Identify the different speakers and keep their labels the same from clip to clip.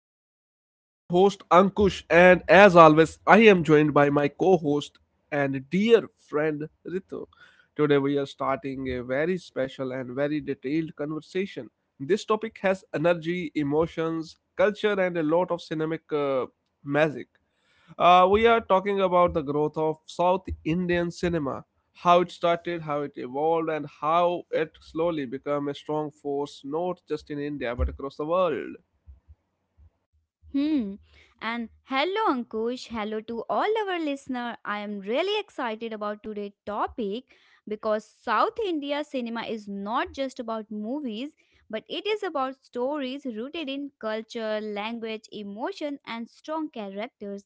Speaker 1: podcast. I'm your host, Ankush, and as always, I am joined by my co host and dear friend, Ritu. Today, we are starting a very special and very detailed conversation. This topic has energy, emotions, culture, and a lot of cinematic magic. We are talking about the growth of South Indian cinema, how it started, how it evolved, and how it slowly became a strong force not just in India but across the world.
Speaker 2: Hmm. And hello, Ankush. Hello to all our listener. I am really excited about today's topic because South India cinema is not just about movies, but it is about stories rooted in culture, language, emotion, and strong characters.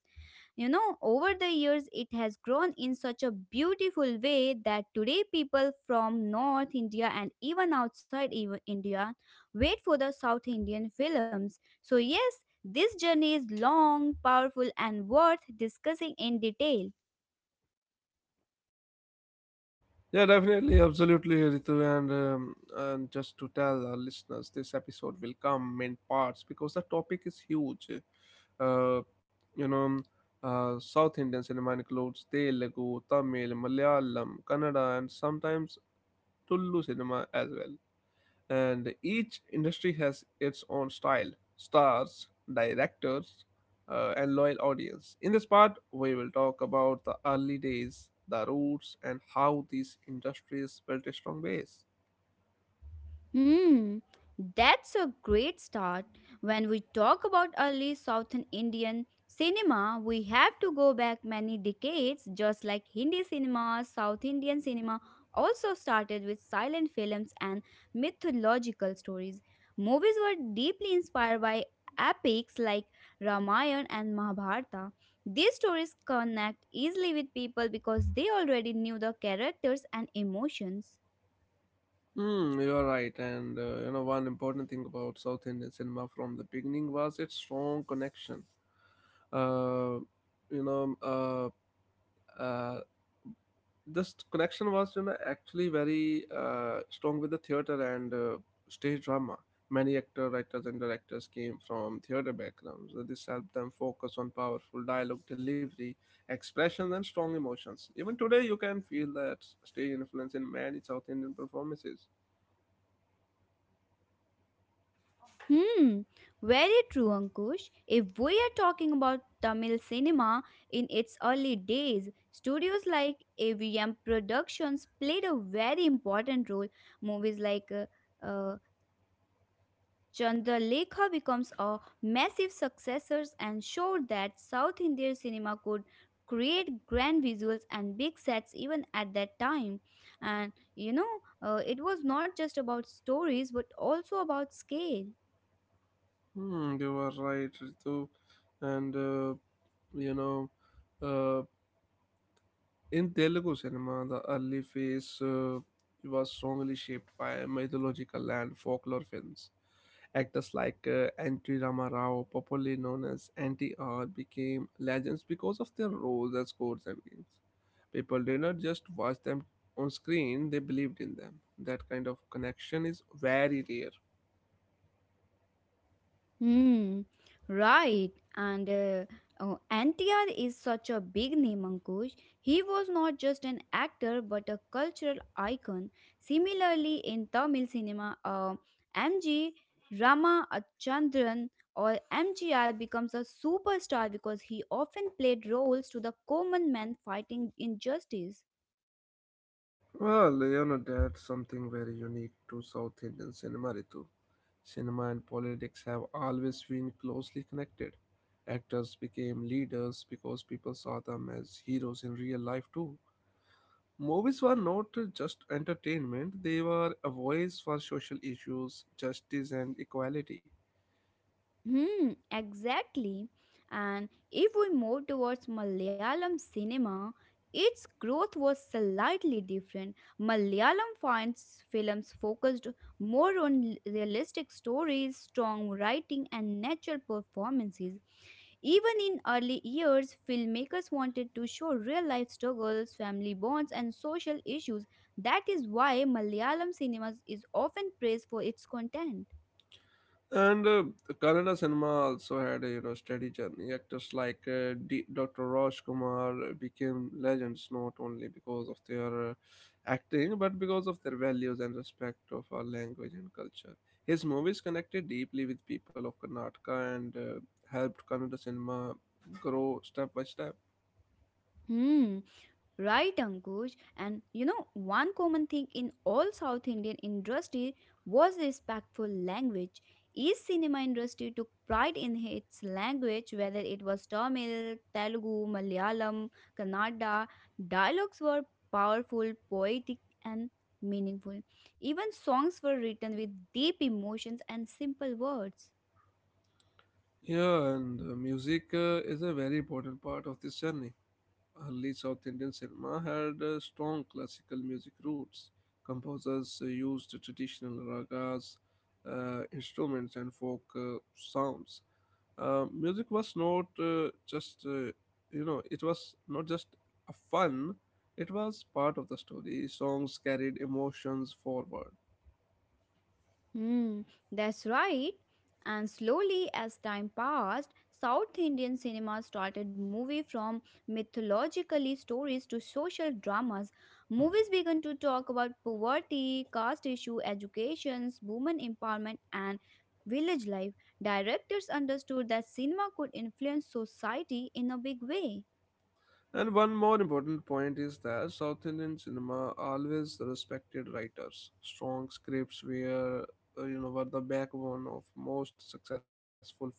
Speaker 2: Over the years, it has grown in such a beautiful way that today people from North India and even outside even India wait for the South Indian films. So, yes, this journey is long, powerful, and worth discussing in detail.
Speaker 1: Yeah, definitely, absolutely, Ritu. And just to tell our listeners, this episode will come in parts because the topic is huge. Uh, you know, South Indian cinema includes Telugu, Tamil, Malayalam, Kannada, and sometimes Tulu cinema as well. And each industry has its own style, stars, directors, and loyal audience. In this part, we will talk about the early days, the roots, and how these industries built a strong base.
Speaker 2: Hmm, that's a great start. When we talk about early Southern Indian cinema, we have to go back many decades. Just like Hindi cinema, South Indian cinema also started with silent films and mythological stories. Movies were deeply inspired by epics like Ramayana and Mahabharata. These stories connect easily with people because they already knew the characters and emotions.
Speaker 1: Hmm, you're right, and you know, one important thing about South Indian cinema from the beginning was its strong connection. Uh, you know, uh, uh, this connection was, you know, actually very strong, with the theater and stage drama. Many actor writers and directors came from theater backgrounds. So this helped them focus on powerful dialogue delivery, expressions, and strong emotions. Even today you can feel that stage influence in many South Indian performances.
Speaker 2: Hmm, very true, Ankush. If we are talking about Tamil cinema in its early days, studios like AVM Productions played a very important role. Movies like uh, Chandralekha becomes a massive successors and showed that South Indian cinema could create grand visuals and big sets even at that time. And it was not just about stories but also about scale.
Speaker 1: Hmm, you are right, Ritu. And you know uh, in Telugu cinema, the early phase was strongly shaped by mythological and folklore films. Actors like Anti Rama Rao, popularly known as Anti R, became legends because of their roles as gods and kings. People did not just watch them on screen, they believed in them. That kind of connection is very rare.
Speaker 2: Hmm, right. And Oh, NTR is such a big name, Ankush. He was not just an actor but a cultural icon. Similarly, in Tamil cinema, MG Rama Chandran or MGR becomes a superstar because he often played roles to the common man fighting injustice.
Speaker 1: Well, you know, that's something very unique to South Indian cinema, Ritu. Cinema and politics have always been closely connected. Actors became leaders because people saw them as heroes in real life, too. Movies were not just entertainment, they were a voice for social issues, justice, and equality.
Speaker 2: Hmm, exactly. And if we move towards Malayalam cinema, its growth was slightly different. Malayalam finds films focused more on realistic stories, strong writing, and natural performances. Even in early years, filmmakers wanted to show real life struggles, family bonds, and social issues. That is why Malayalam cinema is often praised for its content.
Speaker 1: And Kannada cinema also had a, you know, steady journey. Actors like Dr. Raj Kumar became legends not only because of their acting but because of their values and respect of our language and culture. His movies connected deeply with people of Karnataka and helped Kannada cinema grow step by step.
Speaker 2: Hmm, right, Ankush. And one common thing in all South Indian industry was respectful language. Each cinema industry took pride in its language, whether it was Tamil, Telugu, Malayalam, Kannada. Dialogues were powerful, poetic, and meaningful. Even songs were written with deep emotions and simple words.
Speaker 1: Yeah, and music is a very important part of this journey. Early South Indian cinema had strong classical music roots. Composers used traditional ragas, instruments, and folk sounds. Music was not just, you know, it was not just a fun, it was part of the story. Songs carried emotions forward.
Speaker 2: Hmm, that's right. And slowly, as time passed, South Indian cinema started moving from mythologically stories to social dramas. Movies began to talk about poverty, caste issue, educations, women empowerment, and village life. Directors understood that cinema could influence society in a big way.
Speaker 1: And one more important point is that South Indian cinema always respected writers. Strong scripts were, were the backbone of most successful films.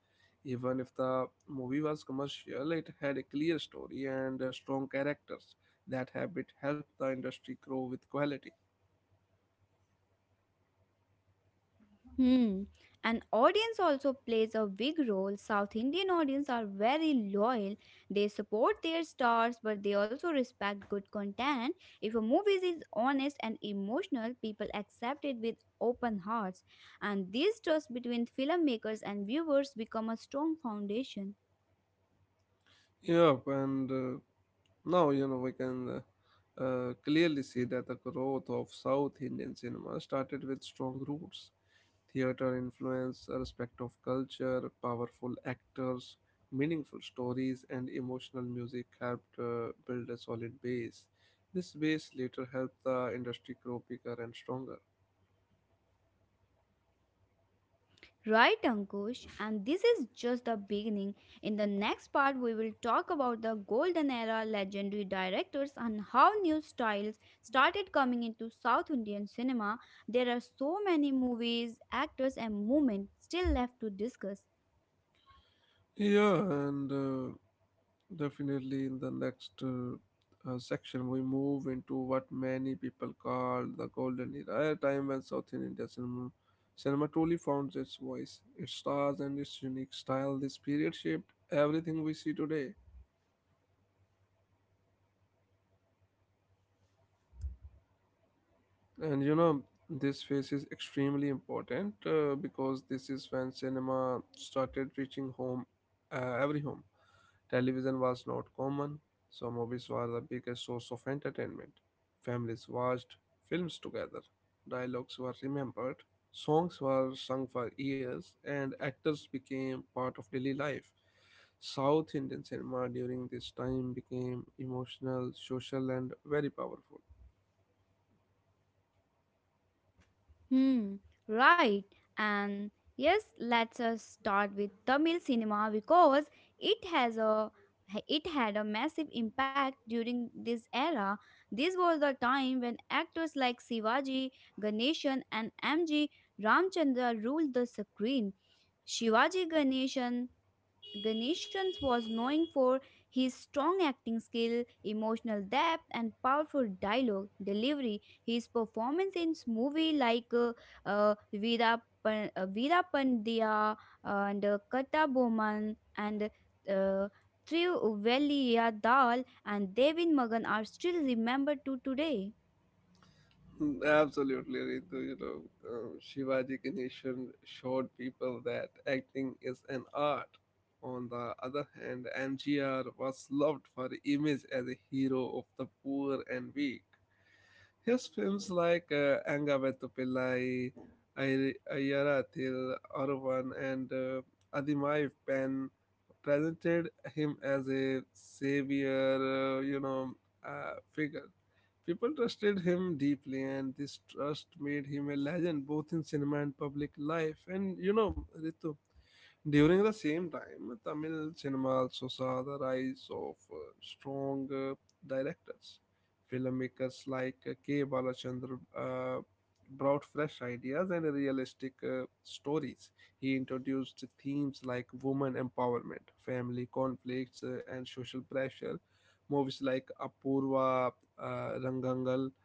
Speaker 1: Even if the movie was commercial, it had a clear story and strong characters. That habit helped the industry grow with quality.
Speaker 2: Hmm. And audience also plays a big role. South Indian audience are very loyal. They support their stars, but they also respect good content. If a movie is honest and emotional, people accept it with open hearts. And this trust between filmmakers and viewers become a strong foundation.
Speaker 1: Yep, and now, you know, we can clearly see that the growth of South Indian cinema started with strong roots, theater influence, a respect of culture, powerful actors, meaningful stories, and emotional music helped build a solid base. This base later helped the industry grow bigger and stronger.
Speaker 2: Right, Ankush, and this is just the beginning. In the next part, we will talk about the golden era legendary directors and how new styles started coming into South Indian cinema. There are so many movies, actors, and movements still left to discuss.
Speaker 1: Yeah, and definitely, in the next section, we move into what many people call the golden era, a time when cinema truly found its voice, its stars, and its unique style. This period shaped everything we see today. And you know, this phase is extremely important because this is when cinema started reaching every home. Television was not common, so movies were the biggest source of entertainment. Families watched films together, dialogues were remembered, songs were sung for years, and actors became part of daily life. South Indian cinema during this time became emotional, social, and very powerful.
Speaker 2: Hmm, right. And yes, let's us start with Tamil cinema because it has a it had a massive impact during this era. This was the time when actors like Shivaji, Ganeshan and MG Ramchandra ruled the screen. Shivaji Ganeshans was known for his strong acting skill, emotional depth, and powerful dialogue delivery. His performance in movies like Veera Pandya and Kata Boman and uh, Trivaliya Dal and Devin Magan are still remembered to today.
Speaker 1: Absolutely, Ritu. You know, Shivaji Ganeshan showed people that acting is an art. On the other hand, MGR was loved for image as a hero of the poor and weak. His films like Anga Vettu Pillai, Ayarathil, Aruvan, and Adimai Pen presented him as a savior, figure. People trusted him deeply, and this trust made him a legend both in cinema and public life. And you know, Ritu, during the same time, Tamil cinema also saw the rise of strong directors. Filmmakers like K. Balachandran brought fresh ideas and realistic stories. He introduced themes like woman empowerment, family conflicts, and social pressure. Movies like Apurva, uh, Rangangal,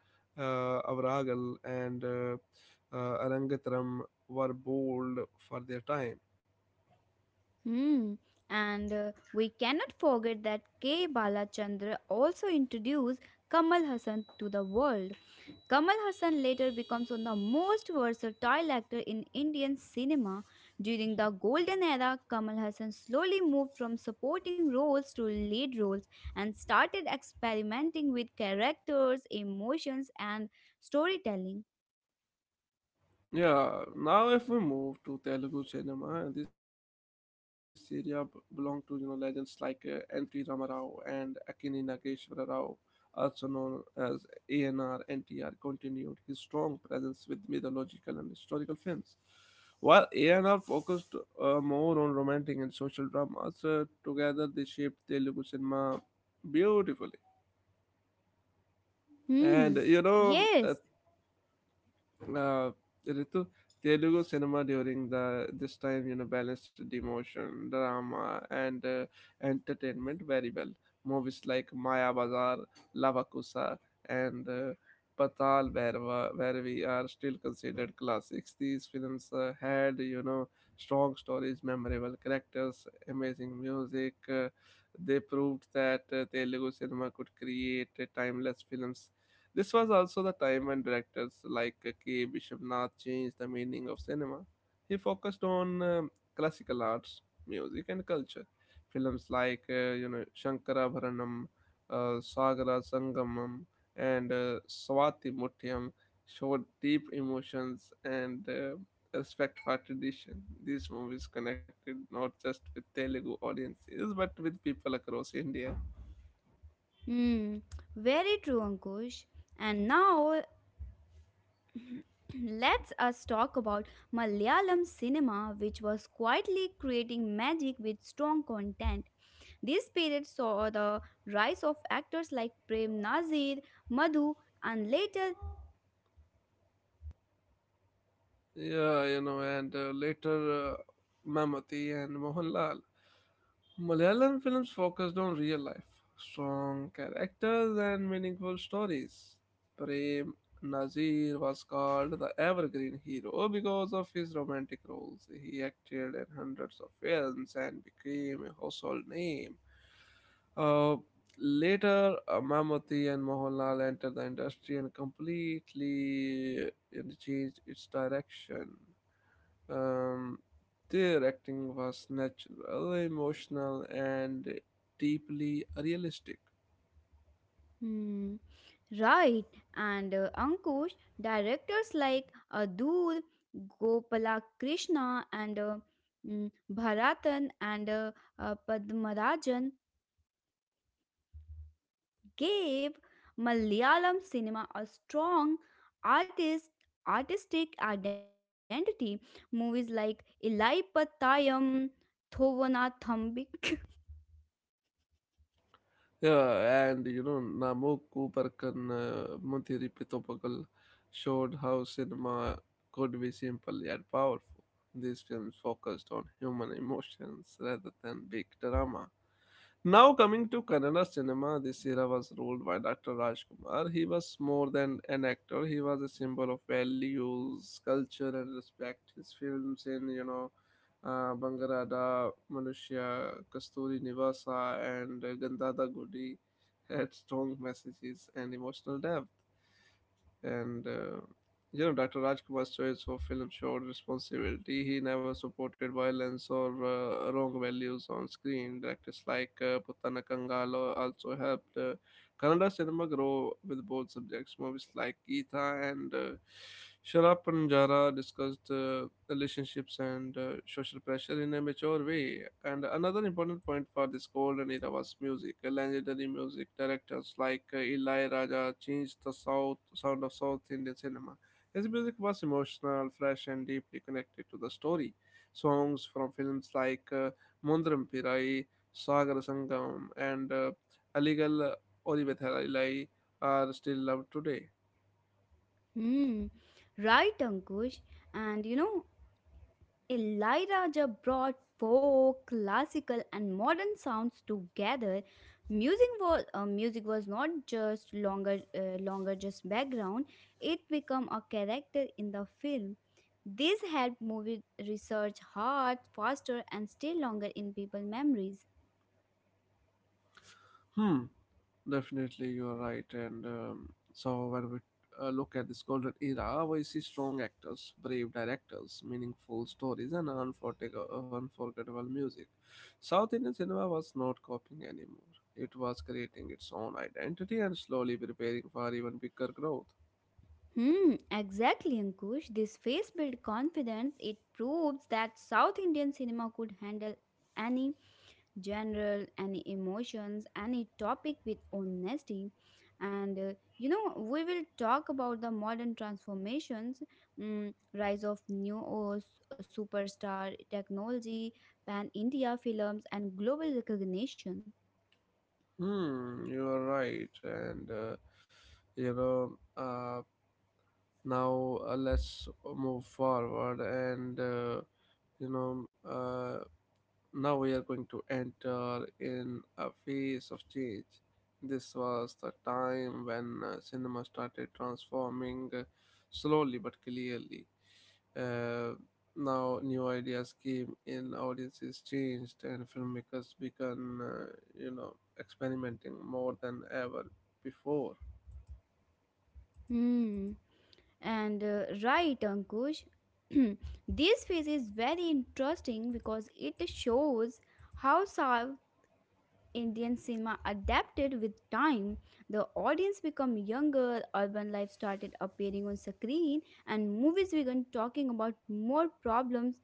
Speaker 1: Avaragal, and Arangatram were bold for their time.
Speaker 2: Hmm. And We cannot forget that K. Balachandra also introduced Kamal Hassan to the world. Kamal Hassan later becomes one of the most versatile actor in Indian cinema. During the golden era, Kamal Hassan slowly moved from supporting roles to lead roles and started experimenting with characters, emotions and storytelling.
Speaker 1: Yeah, now if we move to Telugu cinema, this area belonged to, you know, legends like N.T. Rama Rao and Akini Nageshwara Rao, also known as ANR. NTR continued his strong presence with mythological and historical films. While ANR focused more on romantic and social dramas, together they shaped Telugu cinema beautifully. And
Speaker 2: Hmm,
Speaker 1: you know,
Speaker 2: yes.
Speaker 1: uh, Ritu, Telugu cinema during the this time, you know, balanced the emotion, drama, and entertainment very well. Movies like Maya Bazaar, Lavakusa, and Patal Bhairava, where we are still considered classics. These films had, you know, strong stories, memorable characters, amazing music. They proved that Telugu cinema could create timeless films. This was also the time when directors like K. Vishwanath changed the meaning of cinema. He focused on classical arts, music, and culture. Films like Shankarabharanam, Sagara Sangamam, and Swati Mutyam showed deep emotions and respect for tradition. These movies connected not just with Telugu audiences but with people across India.
Speaker 2: Hmm, very true, Ankush. And now let's us talk about Malayalam cinema which was quietly creating magic with strong content. This period saw the rise of actors like Prem Nazir, Madhu, and later,
Speaker 1: Yeah, you know, and later Mammootty and Mohanlal. Malayalam films focused on real life, strong characters, and meaningful stories. Prem Nazir was called the evergreen hero because of his romantic roles. He acted in hundreds of films and became a household name. Uh, later, Mammootty and Mohanlal entered the industry and completely it changed its direction. Um, their acting was natural, emotional, and deeply realistic.
Speaker 2: hmm. Right and Ankush, directors like Adur, Gopala Krishna, and Bharatan, and Padmarajan gave Malayalam cinema a strong artist artistic identity. Movies like Ilai Pattayam, Thovanathambi.
Speaker 1: Yeah, and you know, Namok Kubarkan Muthiri Pithopagal showed how cinema could be simple yet powerful. These films focused on human emotions rather than big drama. Now coming to Kannada cinema, this era was ruled by Dr. Rajkumar. He was more than an actor; he was a symbol of values, culture, and respect. His films in, Bangarada, Manushya, Kasturi Nivasa, and Gandhada Gudi had strong messages and emotional depth. And You know, Dr. Rajkumar's choice for film showed responsibility. He never supported violence or wrong values on screen. Directors like Putana Kangal also helped. Kannada cinema grow with both subjects. Movies like Geetha and Sharap Panjara discussed relationships and social pressure in a mature way. And another important point for this golden era was music. Legendary music directors like Eli Raja changed the south sound of South Indian cinema. His music was emotional, fresh, and deeply connected to the story. Songs from films like Mundram Pirai, Sagar Sangam, and Aligal Olivia Thalai are still loved today.
Speaker 2: Hmm, right, Ankush. And you know, Eli Raja brought folk, classical, and modern sounds together. Music was not just longer just background. It became a character in the film. This helped movie research hard, faster, and stay longer in people memories.
Speaker 1: Hmm, definitely you're right. And so when we look at this golden era, we see strong actors, brave directors, meaningful stories, and unforgettable music. South Indian cinema was not copying anymore. It was creating its own identity and slowly preparing for even bigger growth.
Speaker 2: Hmm, exactly, Ankush. This face built confidence. It proves that South Indian cinema could handle any any emotions any topic with honesty, and we will talk about the modern transformations, rise of new superstar technology, pan India films, and global recognition.
Speaker 1: Hmm, you are right. And, you know, now Let's move forward and, you know uh, now we are going to enter in a phase of change. This was the time when cinema started transforming slowly but clearly. uh, Now new ideas came in, audiences changed, and filmmakers began you know experimenting more than ever before.
Speaker 2: Hmm. and Right, Ankush. This phase is very interesting because it shows how South Indian cinema adapted with time. The audience became younger, urban life started appearing on screen, and movies began talking about more problems,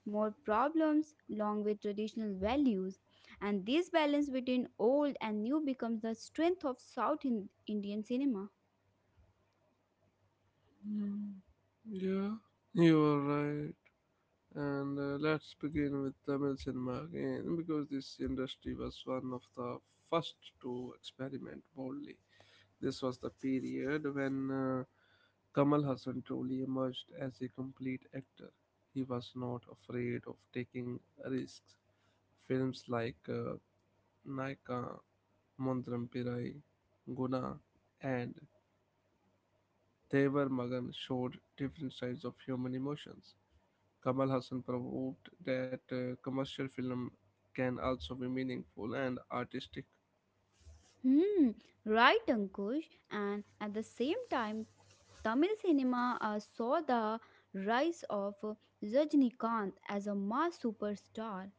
Speaker 2: more problems, along with traditional values. And this balance between old and new becomes the strength of South Indian cinema.
Speaker 1: Mm. Yeah, you are right. And let's begin with Tamil cinema again, because this industry was one of the first to experiment boldly. This was the period when Kamal Hassan truly emerged as a complete actor. He was not afraid of taking risks. Films like Naika, Mondram Pirai, Guna, and Devar Magan showed different sides of human emotions. Kamal Hassan proved that commercial film can also be meaningful and artistic.
Speaker 2: Hmm, right, Ankush. And at the same time, Tamil cinema saw the rise of Rajnikant as a mass superstar.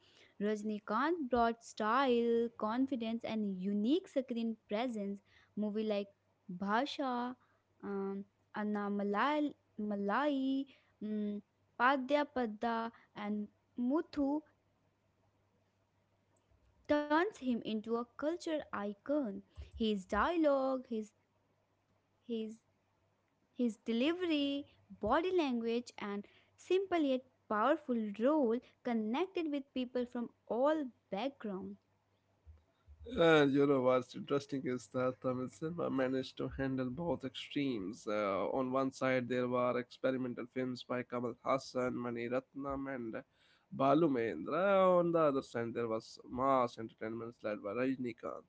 Speaker 2: Rajnikant brought style, confidence, and unique screen presence. Movie like Bhasha, um, Anna Malai, Malai, um, Padya Padda, and Muthu turns him into a culture icon. His dialogue, his His delivery, body language, and simple yet powerful role connected with people from all backgrounds.
Speaker 1: And you know what's interesting is that Tamil cinema managed to handle both extremes. On one side, there were experimental films by Kamal Hassan, Mani Ratnam, and Balu Mahendra. On the other side, there was mass entertainments led by Rajnikant.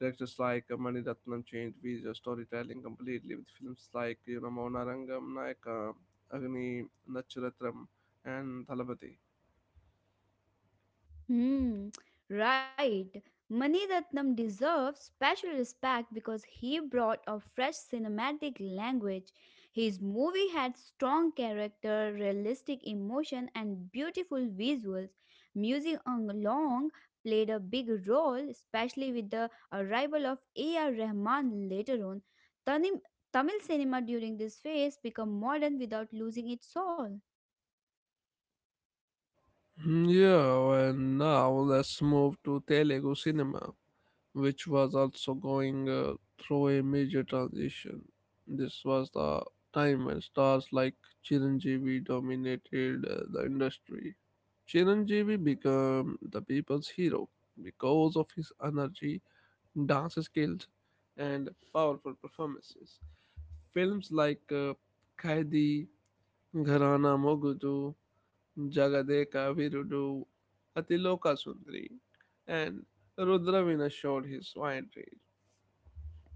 Speaker 1: Directors like Mani Ratnam changed visual storytelling completely with films like, you know, Maunarangam, Nayaka, Agni, Nacharatram, and Thalapathy.
Speaker 2: Hmm, right. Maniratnam deserves special respect because he brought a fresh cinematic language. His movie had strong character, realistic emotion, and beautiful visuals. Music along played a big role, especially with the arrival of A.R. Rahman later on. Tanim- Tamil cinema during this phase became modern without losing its soul.
Speaker 1: Yeah, and now let's move to Telugu cinema, which was also going through a major transition. This was the time when stars like Chiranjeevi dominated the industry. Chiranjeevi became the people's hero because of his energy, dance skills, and powerful performances. Films like Kaidi, Gharana Mogudu, Jagadeka Virudu, Atiloka Sundari, and Rudravina showed his winery.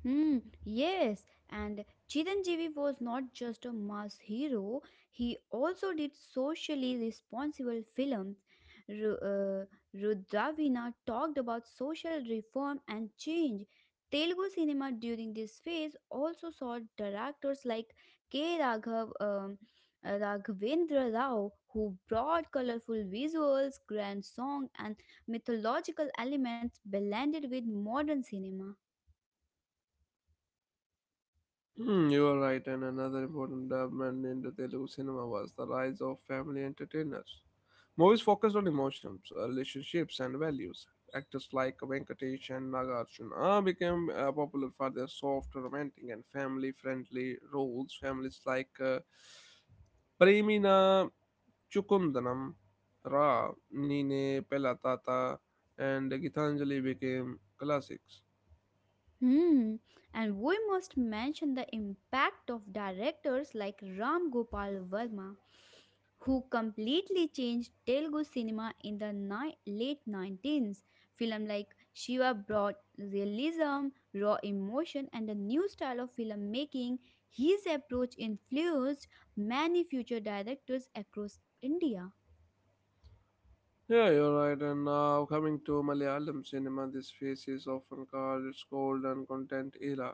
Speaker 2: Hmm, yes, and Chiranjeevi was not just a mass hero, he also did socially responsible films. Ru- uh, Rudravina talked about social reform and change. Telugu cinema during this phase also saw directors like K. Raghav, um, Raghavendra Rao, who brought colorful visuals, grand song, and mythological elements blended with modern cinema.
Speaker 1: Hmm, you are right, and another important development in the Telugu cinema was the rise of family entertainers. Movies focused on emotions, relationships, and values. Actors like Venkatesh and Nagarjuna became popular for their soft, romantic, and family friendly roles. Families like Premina Chukundanam, Ra, Nine Pelatata, and Gitanjali became classics.
Speaker 2: Hmm. And we must mention the impact of directors like Ram Gopal Verma, who completely changed Telugu cinema in the late 19th. Film like Shiva brought realism, raw emotion, and a new style of filmmaking. His approach influenced many future directors across India.
Speaker 1: Yeah, you're right. And now coming to Malayalam cinema, this phase is often called its golden content era.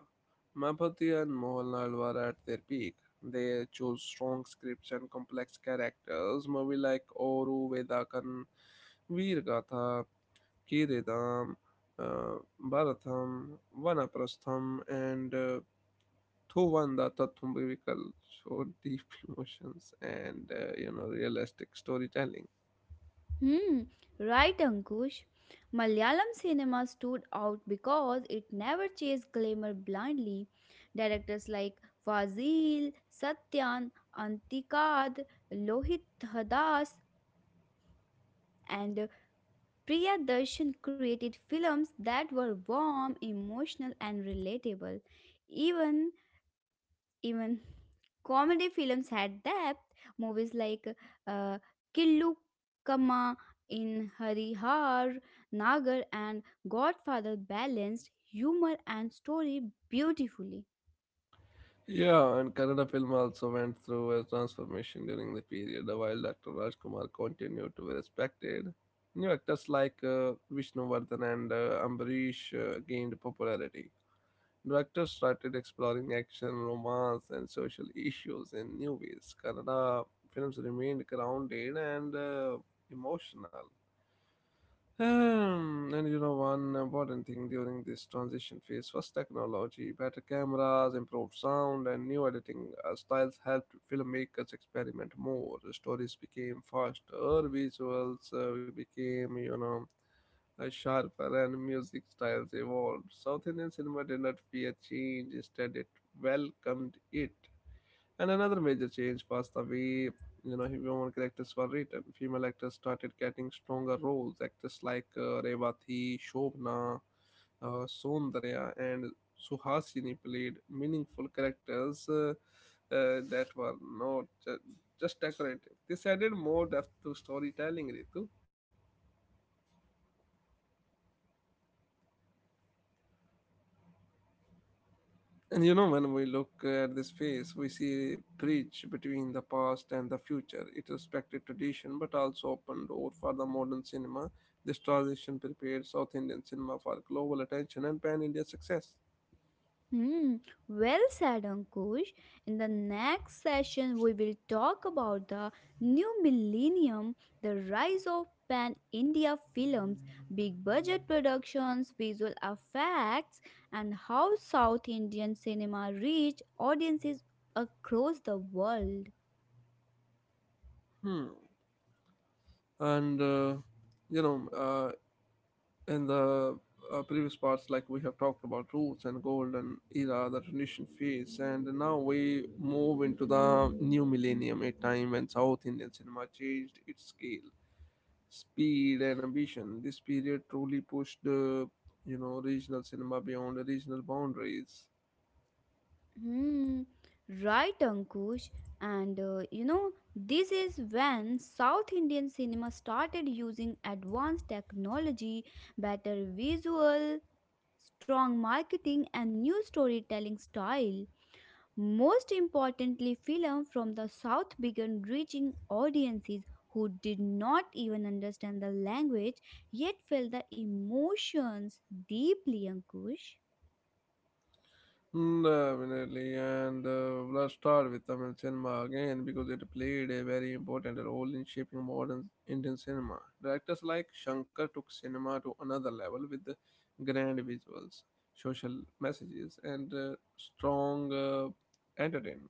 Speaker 1: Mampati and Mohanlal were at their peak. They chose strong scripts and complex characters. Movies like Oru, Vedakan, Veergatha, Kiridam, uh, Bharatham, Vanaprastham, and Thuvanda Tathumbikal showed deep emotions and uh, realistic storytelling.
Speaker 2: Hmm, right, Ankush. Malayalam cinema stood out because it never chased glamour blindly. Directors like Fazil, Satyan, Antikad, Lohit Hadas, and Priyadarshan created films that were warm, emotional, and relatable. Even Even comedy films had depth. Movies like uh, Killu Kama in Harihar, Nagar, and Godfather balanced humor and story beautifully.
Speaker 1: Yeah, and Kannada film also went through a transformation during the period, while Dr. Rajkumar continued to be respected. New actors like Vishnuvardhan and Ambarish gained popularity. Directors started exploring action, romance, and social issues in new ways. Kannada films remained grounded and emotional. And you know, one important thing during this transition phase was technology. Better cameras, improved sound, and new editing styles helped filmmakers experiment more. The stories became faster, visuals became, sharper, and music styles evolved. South Indian cinema did not fear change, instead, it welcomed it. And another major change was the way you know women characters were written. Female actors started getting stronger roles. Actors like Revati, Shobna, Soundarya, and Suhasini played meaningful characters that were not ju- just decorative. This added more depth to storytelling, Ritu. And you know, when we look at this phase, we see a bridge between the past and the future. It respected tradition but also opened door for the modern cinema. This transition prepared South Indian cinema for global attention and pan India success.
Speaker 2: Hmm, well said, Ankush. In the next session, we will talk about the new millennium, the rise of pan India films, big budget productions, visual effects, and how South Indian cinema reached audiences across the world.
Speaker 1: Hmm. And, you know, uh, in the previous parts, like we have talked about roots and golden era, the transition phase, and now we move into the new millennium, a time when South Indian cinema changed its scale speed and ambition. This period truly pushed, regional cinema beyond regional boundaries.
Speaker 2: Hmm, right, Ankush. And this is when South Indian cinema started using advanced technology, better visual, strong marketing, and new storytelling style. Most importantly, film from the South began reaching audiences who did not even understand the language yet felt the emotions deeply, Ankush.
Speaker 1: Mm, definitely, and let's start with Tamil cinema again because it played a very important role in shaping modern Indian cinema. Directors like Shankar took cinema to another level with the grand visuals, social messages, and strong entertainment.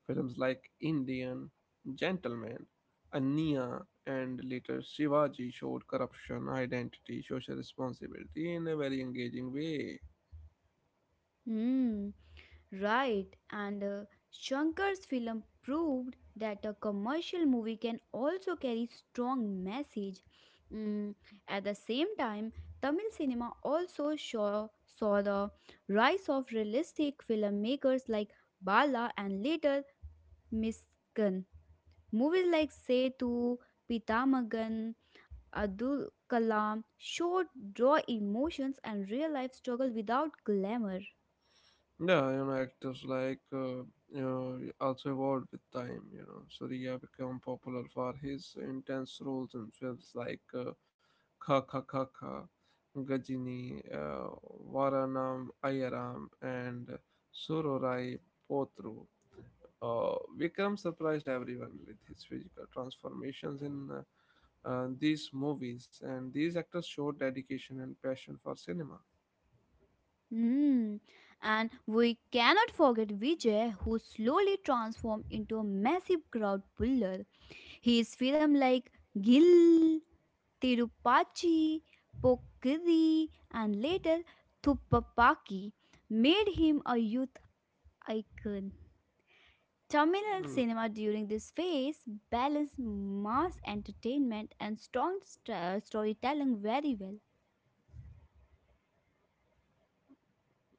Speaker 1: Films like Indian, Gentleman, Ania, and later Shivaji showed corruption, identity, social responsibility in a very engaging way.
Speaker 2: Hmm. Right, and Shankar's film proved that a commercial movie can also carry strong message. Mm, at the same time, Tamil cinema also saw the rise of realistic filmmakers like Bala and later Miskan. Movies like Setu, Pitamagan, Abdul Kalam showed raw emotions and real life struggle without glamour.
Speaker 1: Yeah, you know, actors like also evolved with time. You know, Surya became popular for his intense roles in films like Kha Kha Kha Kha, Gajini, Varanam Ayaram, and Surorai Potru. Uh, Vikram surprised everyone with his physical transformations in these movies, and these actors showed dedication and passion for cinema.
Speaker 2: Mm. And we cannot forget Vijay, who slowly transformed into a massive crowd puller. His film like Gil, Tirupachi, Pokkiri, and later Thuppapaki made him a youth icon. Tamil
Speaker 1: Mm,
Speaker 2: cinema during this phase balanced mass entertainment and storytelling very well.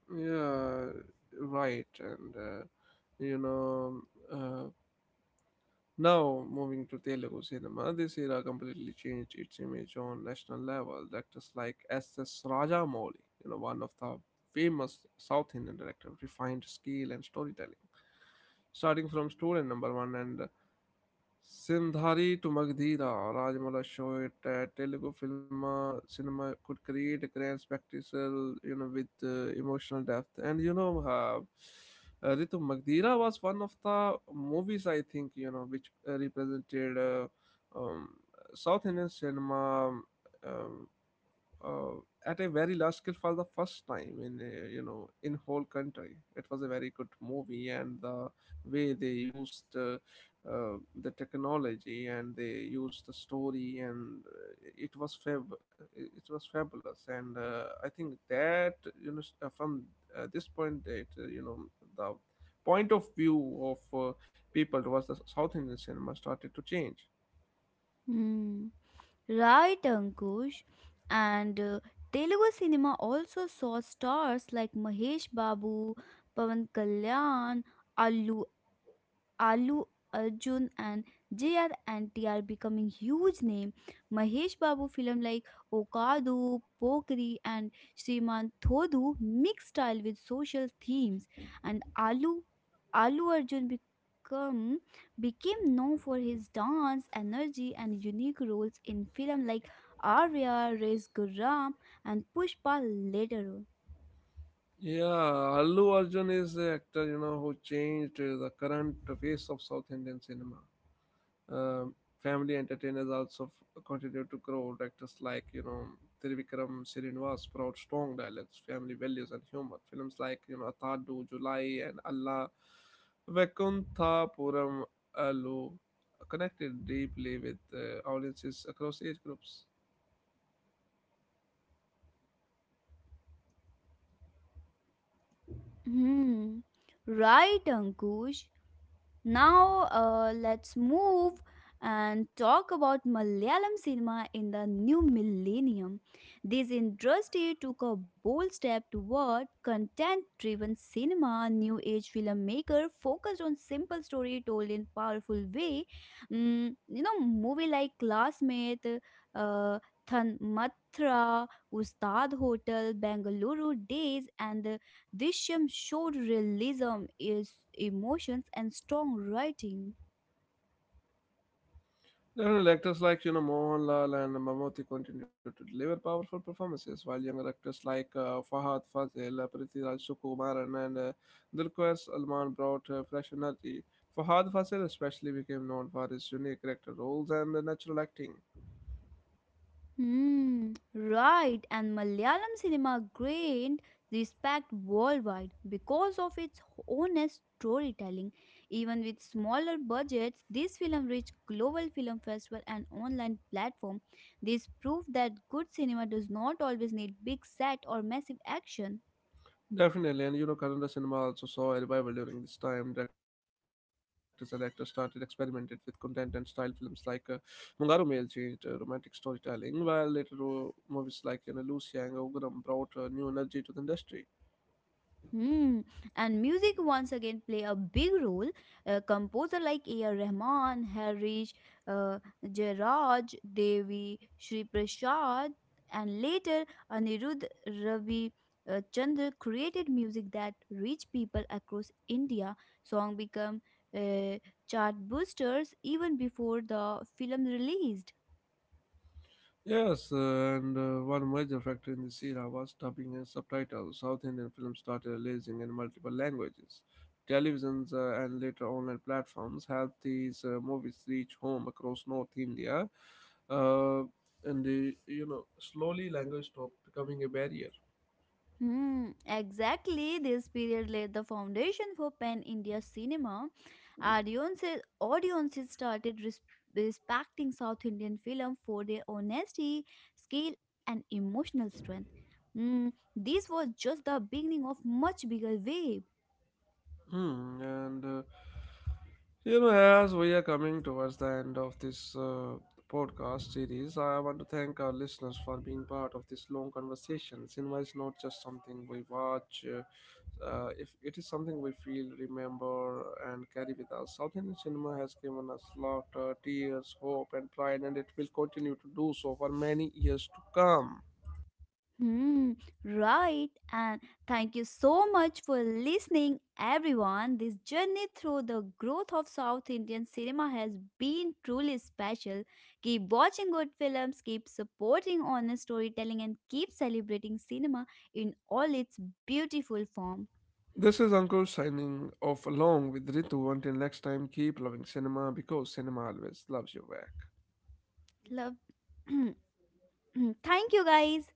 Speaker 1: yeah, right. And you know, uh, now moving to Telugu cinema, this era completely changed its image on national level. Directors like S S.S. Rajamouli, you know, one of the famous South Indian director, refined skill and storytelling. Starting from student number one and Sindhari to Magdira, Rajmala showed that Telugu film cinema could create a grand spectacle, you know, with emotional depth. And Ritu Magdira was one of the movies I think you know which represented um, South Indian cinema. Um, uh, at a very large scale for the first time in a, you know in whole country it was a very good movie and the way they used the technology and they used the story and it was fab it was fabulous and I think that you know from this point that you know the point of view of people towards the south indian cinema started to change.
Speaker 2: Hmm, right, Ankush. And Telugu cinema also saw stars like Mahesh Babu, Pavan Kalyan, Allu Alu Arjun, and JR and TR becoming huge name. Mahesh Babu film like Okadu, Pokri and Sriman Thodu mix style with social themes, and Alu Arjun become became known for his dance, energy and unique roles in film like Arya, Rez Gurram and Pushpa later on.
Speaker 1: Yeah, Allu Arjun is the actor you know who changed the current face of South Indian cinema. Um, family entertainers also continue to grow. Actors like you know Trivikram Srinivas brought strong dialects, family values, and humor. Films like you know Athadu, July, and Allah Vekunthapuram Allu connected deeply with audiences across age groups.
Speaker 2: Hmm, right, Ankush. Now, let's move and talk about Malayalam cinema in the new millennium. This industry took a bold step toward content driven cinema. New age filmmaker focused on simple story told in powerful way. Movie like Classmate, uh, Than Matra, Ustad Hotel, Bangalore Days, and this film showed realism is emotions and strong writing.
Speaker 1: Older actors like you know Mohanlal and Mammootty continued to deliver powerful performances, while younger actors like Fahad Fazil, Prithviraj Sukumaran, and Dulquer Salman brought fresh energy. Fahad Fazil especially became known for his unique character roles and natural acting.
Speaker 2: Hmm, right. And Malayalam cinema gained respect worldwide because of its honest storytelling. Even with smaller budgets, this film reached global film festival and online platform. This proved that good cinema does not always need big set or massive action.
Speaker 1: Definitely, and you know, Kannada cinema also saw a revival during this time. Directors and actors started experimented with content and style. Films like Mungaru Mail changed romantic storytelling, while later movies like you know, Lucy and Oguram brought new energy to the industry.
Speaker 2: Hmm. And music once again play a big role. Composer like A.R. Rahman, Harish, uh, Jairaj, Devi, Shri Prasad, and later Anirudh Ravi Chandra created music that reached people across India. Song become uh, chart boosters even before the film released.
Speaker 1: Yes, and one major factor in this era was dubbing and subtitles. South Indian films started releasing in multiple languages. Televisions and later online platforms helped these movies reach home across North India, uh, and the, you know slowly language stopped becoming a barrier.
Speaker 2: Hmm, exactly. This period laid the foundation for pan India cinema. Audiences started respecting South Indian film for their honesty, skill, and emotional strength. Hmm, this was just the beginning of much bigger wave.
Speaker 1: Hmm, and uh, you know, as we are coming towards the end of this podcast series, I want to thank our listeners for being part of this long conversation. Cinema is not just something we watch; if it is something we feel, remember, and carry with us. South Indian cinema has given us laughter, tears, hope, and pride, and it will continue to do so for many years to come.
Speaker 2: Hmm, right. And thank you so much for listening, everyone. This journey through the growth of South Indian cinema has been truly special. Keep watching good films, keep supporting honest storytelling, and keep celebrating cinema in all its beautiful form.
Speaker 1: This is Ankur signing off along with Ritu. Until next time, keep loving cinema because cinema always loves you back.
Speaker 2: Love. Thank you, guys.